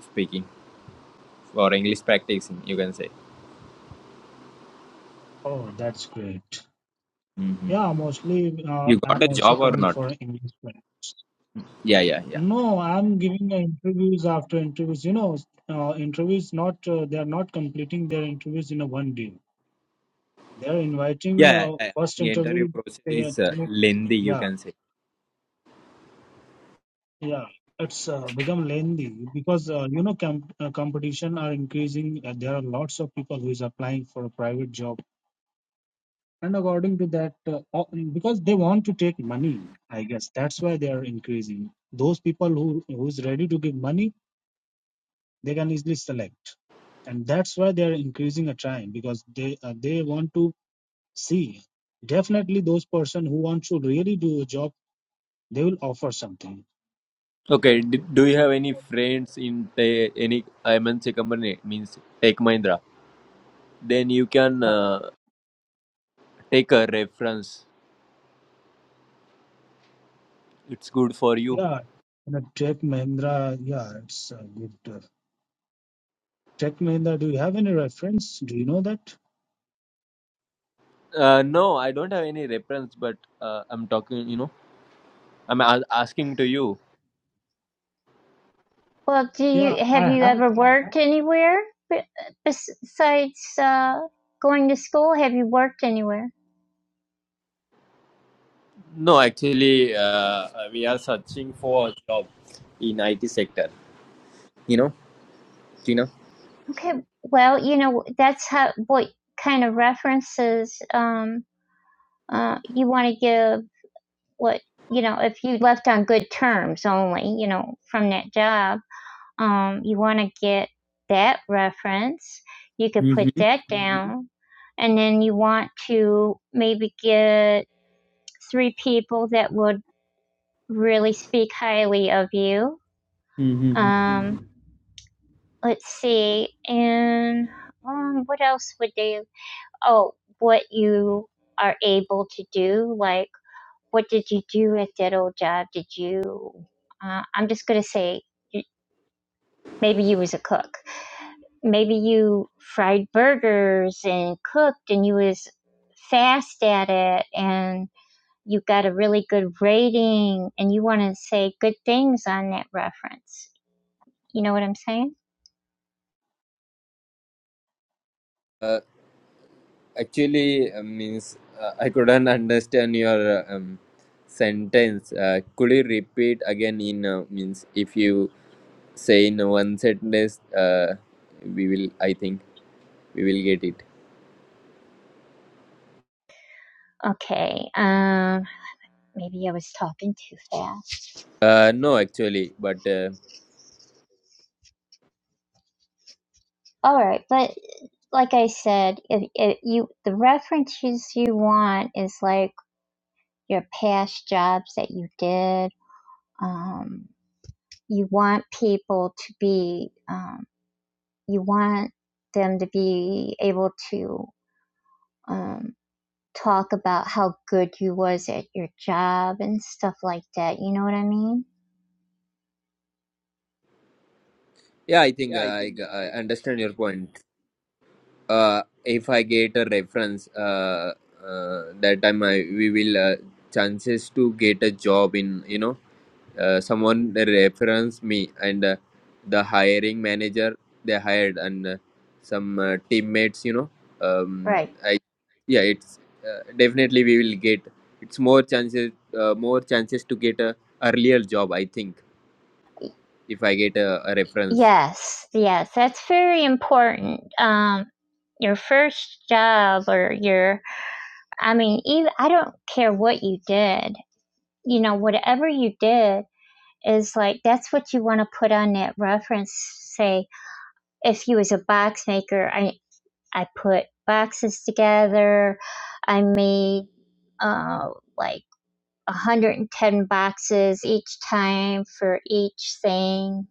Speaker 5: speaking for English practicing. You can say.
Speaker 3: Oh, that's great.
Speaker 5: Mm-hmm.
Speaker 3: Yeah, mostly uh,
Speaker 5: You
Speaker 3: I'm
Speaker 5: got a
Speaker 3: also
Speaker 5: job or
Speaker 3: coming
Speaker 5: not?
Speaker 3: for English class.
Speaker 5: Yeah, yeah, yeah.
Speaker 3: No, I'm giving uh, interviews after interviews. You know, uh, interviews not uh, they are not completing their interviews in a one day. They are inviting
Speaker 5: Yeah,
Speaker 3: uh,
Speaker 5: I I
Speaker 3: first
Speaker 5: think interview
Speaker 3: interview.
Speaker 5: process
Speaker 3: They are
Speaker 5: is uh,
Speaker 3: take,
Speaker 5: lengthy. You
Speaker 3: yeah,
Speaker 5: can say.
Speaker 3: yeah. It's uh, become lengthy because uh, you know com uh, competition are increasing. Uh, there are lots of people who is applying for a private job, and according to that, uh, uh, because they want to take money, I guess that's why they are increasing. Those people who who is ready to give money, they can easily select. and that's why they are increasing a time because they uh, they want to see definitely those person who want to really do a job they will offer something
Speaker 5: Okay, d- do you have any friends in the, any MNC company means Tech Mahindra? Then you can
Speaker 3: Uh,
Speaker 5: uh, take a reference. It's good for you.
Speaker 3: yeah in a tech mahindra yeah it's a good uh, tech mahindra do you have any reference do you know that
Speaker 5: Uh, no, I don't have any reference, but uh, I'm talking. You know, I'm a- asking to you.
Speaker 1: Well, do
Speaker 3: yeah
Speaker 1: you have
Speaker 3: i
Speaker 1: you
Speaker 3: have
Speaker 1: ever worked anywhere be- besides uh, going to school? Have you worked anywhere?
Speaker 5: No, actually, uh, we are searching for a job in IT sector. You know, Tina.
Speaker 1: Okay, well, you know that's how what kind of references um, uh, you want to give. What you know, if you left on good terms only, you know, from that job, um, you want to get that reference. You could put
Speaker 5: Mm-hmm.
Speaker 1: that Mhm. down, mm-hmm. and then you want to maybe get three people that would really speak highly of you.
Speaker 5: Mm-hmm.
Speaker 1: Um, let's see, and um, what else would they? Oh, what you are able to do? Like, what did you do at that old job? Did you? Uh, I'm just gonna say, maybe you was a cook. Maybe you fried burgers and cooked, and you was fast at it, and you got a really good rating, and you want to say good things on that reference. You know what I'm saying?
Speaker 5: Actually, uh, means uh, I couldn't understand your uh, um, sentence. Uh, could you repeat again? In uh, means, if you say in one sentence, uh, we will. I think we will get it.
Speaker 1: Okay. Um, maybe I was talking too fast.
Speaker 5: Uh, no, actually, but uh,
Speaker 1: All right, but like I said, if, if you the references you want is like your past jobs that you did. Um, you want people to be, um, you want them to be able to um, talk about how good you was at your job and stuff like that. You know what I mean?
Speaker 5: yeah, I think I, g- I understand your point. Uh, if I get a reference, uh, uh, that time I we will uh, chances to get a job in you know uh, someone reference me and uh, the hiring manager they hired and uh, some uh, teammates you know um,
Speaker 1: Right.
Speaker 5: i yeah it's uh, definitely we will get it's more chances uh, more chances to get a earlier job i think if i get a, a reference
Speaker 1: Yes, yes, that's very important. Um, your first job or your, I mean, even, I don't care what you did, you know, whatever you did is like, that's what you want to put on that reference. Say, if you was a box maker, I, I put boxes together. I made, uh, like 110 boxes each time for each thing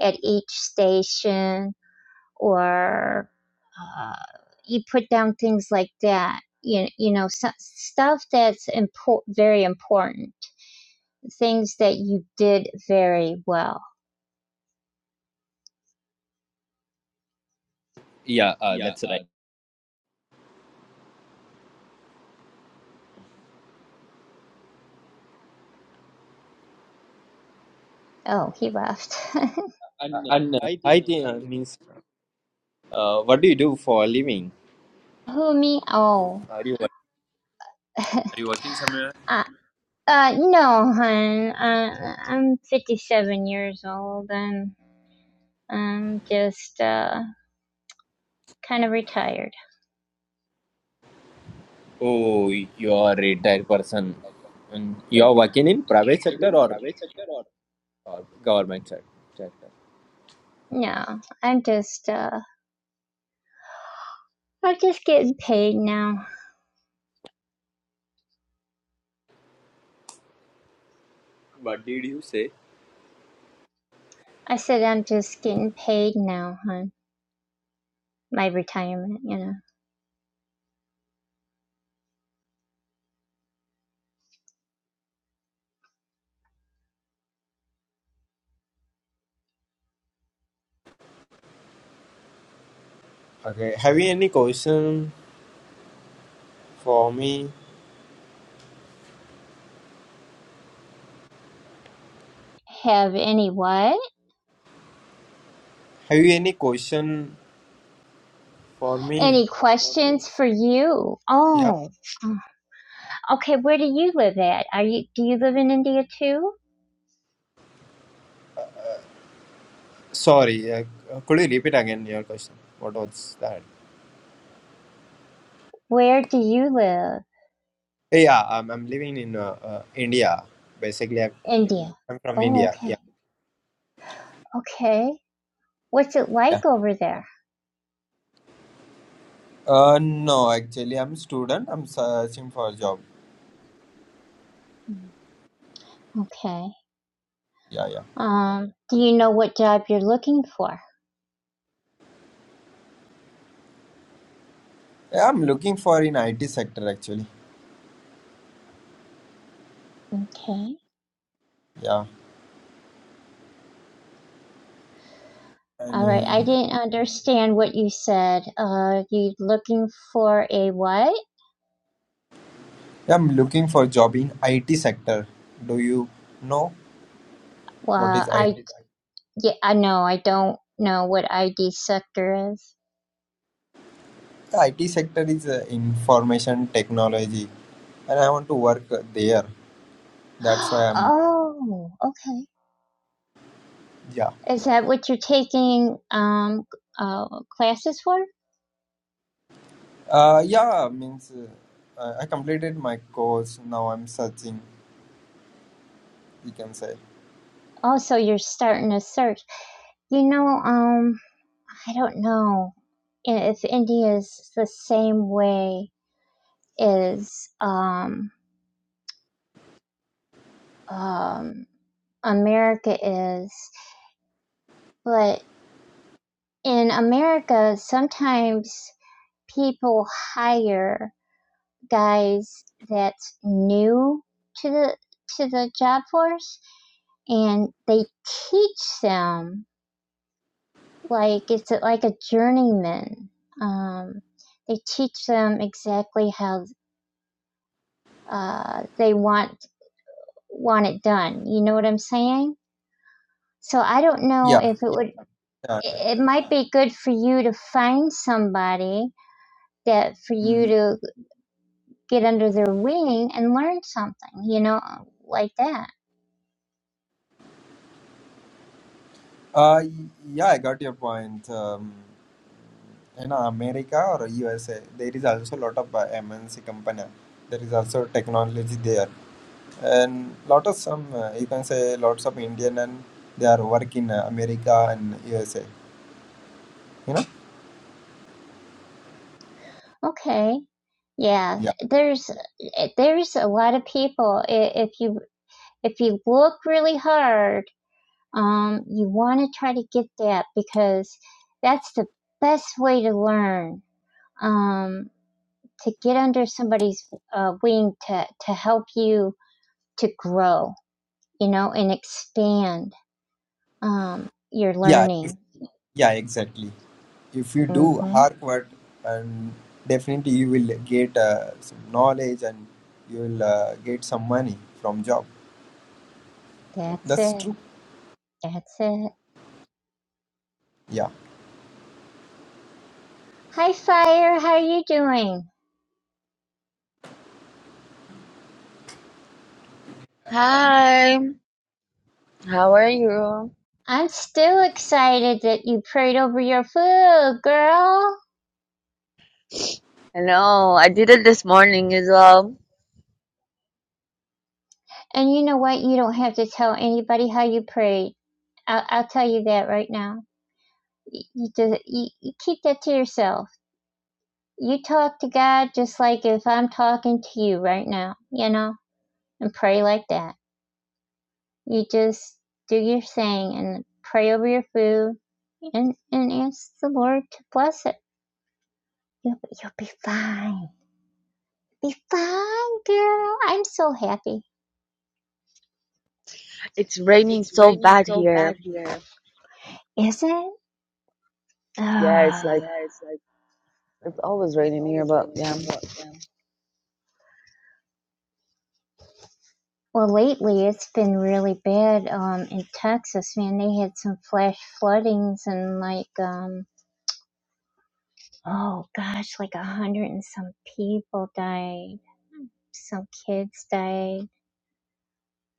Speaker 1: at each station or uh, you put down things like that. You, you know, so, stuff that's important, very important, things that you did very well.
Speaker 5: Yeah, uh, that's right.
Speaker 1: Oh, he left. (laughs)
Speaker 5: Uh, and uh, hi, Ti- uh, means, uh, what do you do for a living?
Speaker 1: Who, me? Oh,
Speaker 5: Are you work-
Speaker 1: (laughs) uh,
Speaker 5: are you working somewhere
Speaker 1: uh, no, hon. Uh, I'm 57 years old and I'm just, uh, kind of retired.
Speaker 5: oh, you are a retired person, and you
Speaker 1: Yeah.
Speaker 5: are working in private sector or or government sector.
Speaker 1: No, I'm just, uh, I'm just getting paid now.
Speaker 5: What did you say?
Speaker 1: I said I'm just getting paid now, hon. my retirement, you know.
Speaker 5: Okay. Have you any question for me?
Speaker 1: Have any what?
Speaker 5: Have you any question for me?
Speaker 1: Any questions for you?
Speaker 5: Yeah.
Speaker 1: Oh, okay. Where do you live at? Are you do you live in India too?
Speaker 5: Sorry. Uh, could you repeat again your question? What was that?
Speaker 1: Where do you live?
Speaker 5: Hey, Yeah. I'm, I'm living in uh, uh, India. Basically, I'm,
Speaker 1: India.
Speaker 5: I'm from
Speaker 1: Oh,
Speaker 5: India.
Speaker 1: okay.
Speaker 5: Yeah.
Speaker 1: Okay. What's it
Speaker 5: Yeah.
Speaker 1: like over there?
Speaker 5: Uh, no, actually, I'm student. I'm searching for a job.
Speaker 1: Okay.
Speaker 5: Yeah, yeah.
Speaker 1: Um, do you know what job you're looking for?
Speaker 5: Yeah, I'm looking for in IT sector actually.
Speaker 1: Okay.
Speaker 5: Yeah. And
Speaker 1: All right.
Speaker 5: uh,
Speaker 1: I didn't understand what you said. Uh, you looking for a what?
Speaker 5: yeah, I'm looking for job in IT sector. Do you know? What is
Speaker 1: Well,
Speaker 5: IT?
Speaker 1: I Yeah, I know. I don't know what ID sector is.
Speaker 5: The IT sector is uh, information technology, and I want to work uh, there. That's
Speaker 1: (gasps)
Speaker 5: why I'm
Speaker 1: Oh, okay.
Speaker 5: yeah.
Speaker 1: Is that what you're taking um uh classes for?
Speaker 5: Uh, yeah means uh, I I completed my course. Now I'm searching. You can say
Speaker 1: Also, you're starting a search. You know, um, I don't know if India is the same way as um um America is, but in America, sometimes people hire guys that's new to the to the job force and they teach them like it's like a journeyman. Um, they teach them exactly how uh, they want want it done. You know what I'm saying? So I don't know
Speaker 5: yeah.
Speaker 1: if it would.
Speaker 5: yeah.
Speaker 1: It it might be good for you to find somebody that for you
Speaker 5: hmm
Speaker 1: to get under their wing and learn something. You know, like that.
Speaker 5: Uh, y- yeah, I got your point. Um, in America or USA, there is also a lot of uh, MNC company. There is also technology there, and lot of some uh, you can say lots of Indian and they are working in uh, America and USA. You know.
Speaker 1: Okay. Yeah,
Speaker 5: Yeah,
Speaker 1: there's eh, there's a lot of people. I- If you if you look really hard, um, you want to try to get that because that's the best way to learn. Um, to get under somebody's uh, wing to to help you to grow, you know, and expand um your
Speaker 5: yeah, ex-
Speaker 1: learning.
Speaker 5: yeah, exactly. If you do
Speaker 1: Mm-hmm.
Speaker 5: hard work, and definitely you will get uh, some knowledge and you will uh, get some money from job.
Speaker 1: That's
Speaker 5: That's
Speaker 1: it.
Speaker 5: true.
Speaker 1: That's it.
Speaker 5: Yeah.
Speaker 1: Hi, Fire. How are you doing?
Speaker 6: Hi, how are you?
Speaker 1: I'm still excited that you prayed over your food, girl.
Speaker 6: Hello, I did it this morning as well.
Speaker 1: And you know what? You don't have to tell anybody how you prayed. I'll, I'll tell you that right now. You, just, you, you keep that to yourself. You talk to God just like if I'm talking to you right now, you know, and pray like that. You just do your thing and pray over your food and, and ask the Lord to bless it. You'll, you'll be fine. Be fine, girl. I'm so happy.
Speaker 6: It's raining so bad here.
Speaker 1: Is it?
Speaker 6: Yeah, it's
Speaker 1: Ah.
Speaker 6: like it's always raining here, but yeah.
Speaker 1: Well, lately it's been really bad um, in Texas, man. They had some flash floodings and like, um, oh gosh, like a hundred and some people died. Some kids died.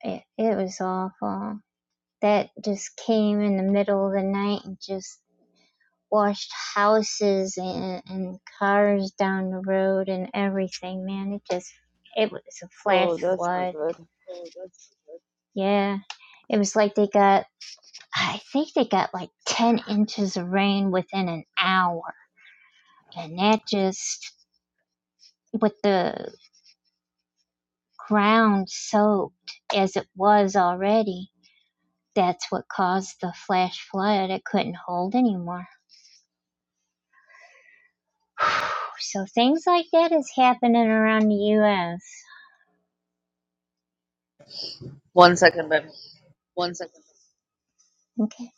Speaker 1: It, it was awful. That just came in the middle of the night and just washed houses and, and cars down the road and everything, man. It just, it was a flash
Speaker 6: Oh, that's not
Speaker 1: flood.
Speaker 6: good.
Speaker 1: Yeah. It was like they got I think they got like 10 inches of rain within an hour. And that just, with the ground soaked as it was already, that's what caused the flash flood. It couldn't hold anymore. So things like that is happening around the U.S.
Speaker 6: One second, babe.
Speaker 1: Okay.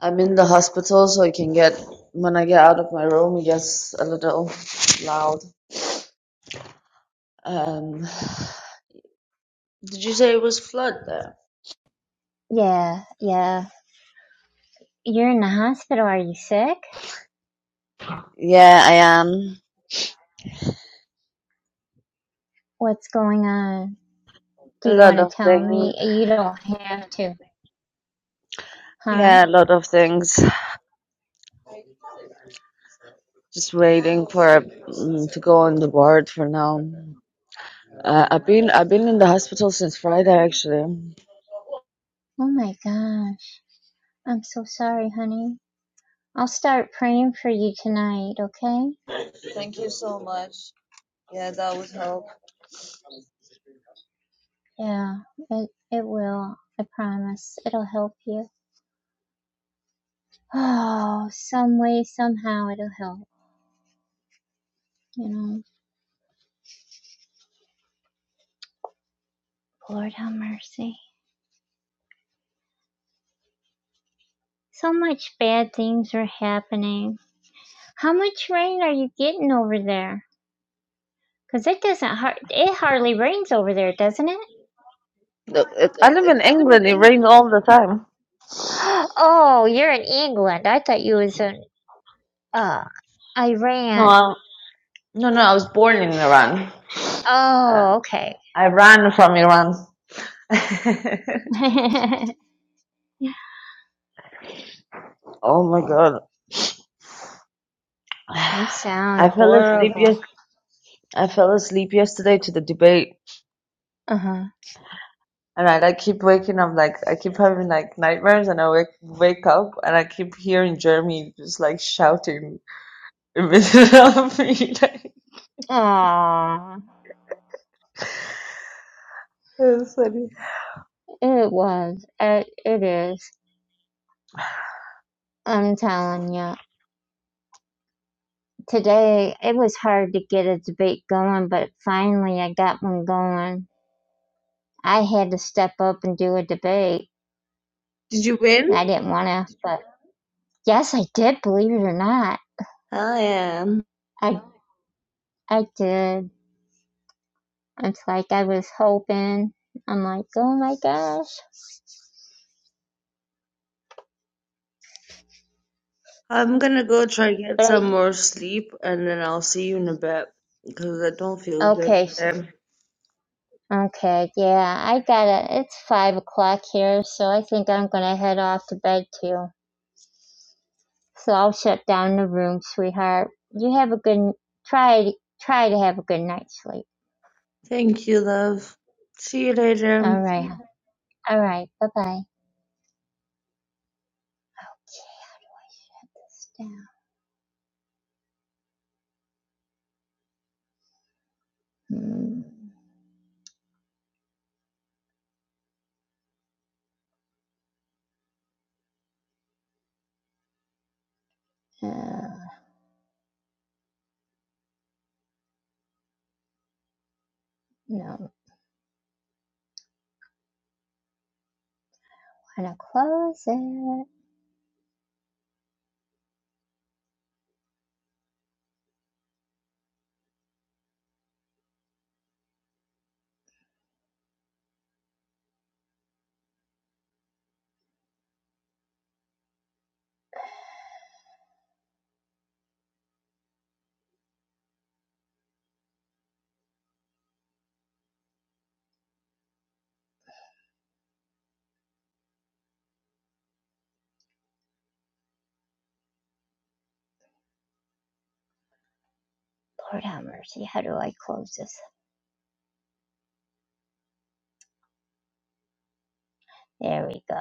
Speaker 6: I'm in the hospital, so I can get when I get out of my room, it gets a little loud. Um, did you say it was flood there?
Speaker 1: Yeah, yeah. You're in the hospital. Are you sick?
Speaker 6: Yeah, I am.
Speaker 1: What's going on? Do
Speaker 6: A
Speaker 1: you
Speaker 6: lot
Speaker 1: want
Speaker 6: of
Speaker 1: to tell
Speaker 6: things.
Speaker 1: me? You don't have to. Huh?
Speaker 6: Yeah, a lot of things. Just waiting for mm, to go on the board for now. Uh, I've been I've been in the hospital since Friday actually.
Speaker 1: Oh my gosh. I'm so sorry, honey. I'll start praying for you tonight, okay?
Speaker 6: Thank you so much. Yeah, that would help.
Speaker 1: Yeah, it, it will. I promise. It'll help you. Oh, some way, somehow it'll help. You know, Lord have mercy. So much bad things are happening. How much rain are you getting over there? Because it doesn't, har- it hardly rains over there, doesn't it? (gasps)
Speaker 6: Look, it- I live in England. It rains all the time.
Speaker 1: Oh, you're in England. I thought you was in uh,
Speaker 6: No,
Speaker 1: Iran.
Speaker 6: I, no, no. I was born in Iran. Uh,
Speaker 1: Oh, okay.
Speaker 6: I ran from Iran. (laughs)
Speaker 1: (laughs)
Speaker 6: oh my god.
Speaker 1: you
Speaker 6: (sighs)
Speaker 1: sound
Speaker 6: I fell asleep
Speaker 1: horrible.
Speaker 6: yes. I fell asleep yesterday to the debate,
Speaker 1: Uh-huh.
Speaker 6: and I like keep waking up. Like I keep having like nightmares, and I wake wake up, and I keep hearing Jeremy just like shouting (laughs) in the middle of me. (laughs) like,
Speaker 1: Aw,
Speaker 6: Oh, sorry.
Speaker 1: it was. It, it is. I'm telling you. Today, it was hard to get a debate going, but finally I got one going. I had to step up and do a debate.
Speaker 6: Did you win?
Speaker 1: I didn't want to, but yes, I did, believe it or not.
Speaker 6: I am.
Speaker 1: I, I did. It's like I was hoping. I'm like, oh my gosh.
Speaker 6: I'm gonna go try get
Speaker 1: But
Speaker 6: some more
Speaker 1: I,
Speaker 6: sleep and then I'll see you in a bit because I don't feel good
Speaker 1: okay,
Speaker 6: today.
Speaker 1: Okay, yeah, I got it. It's five o'clock here, so I think I'm gonna head off to bed too. So I'll shut down the room, sweetheart. You have a good try. Try to have a good night's sleep.
Speaker 6: Thank you, love. See you later.
Speaker 1: All right, Yeah. all right. Bye bye. This down. Hmm, uh, no, wanna close it. Lord have mercy. How do I close this? There we go.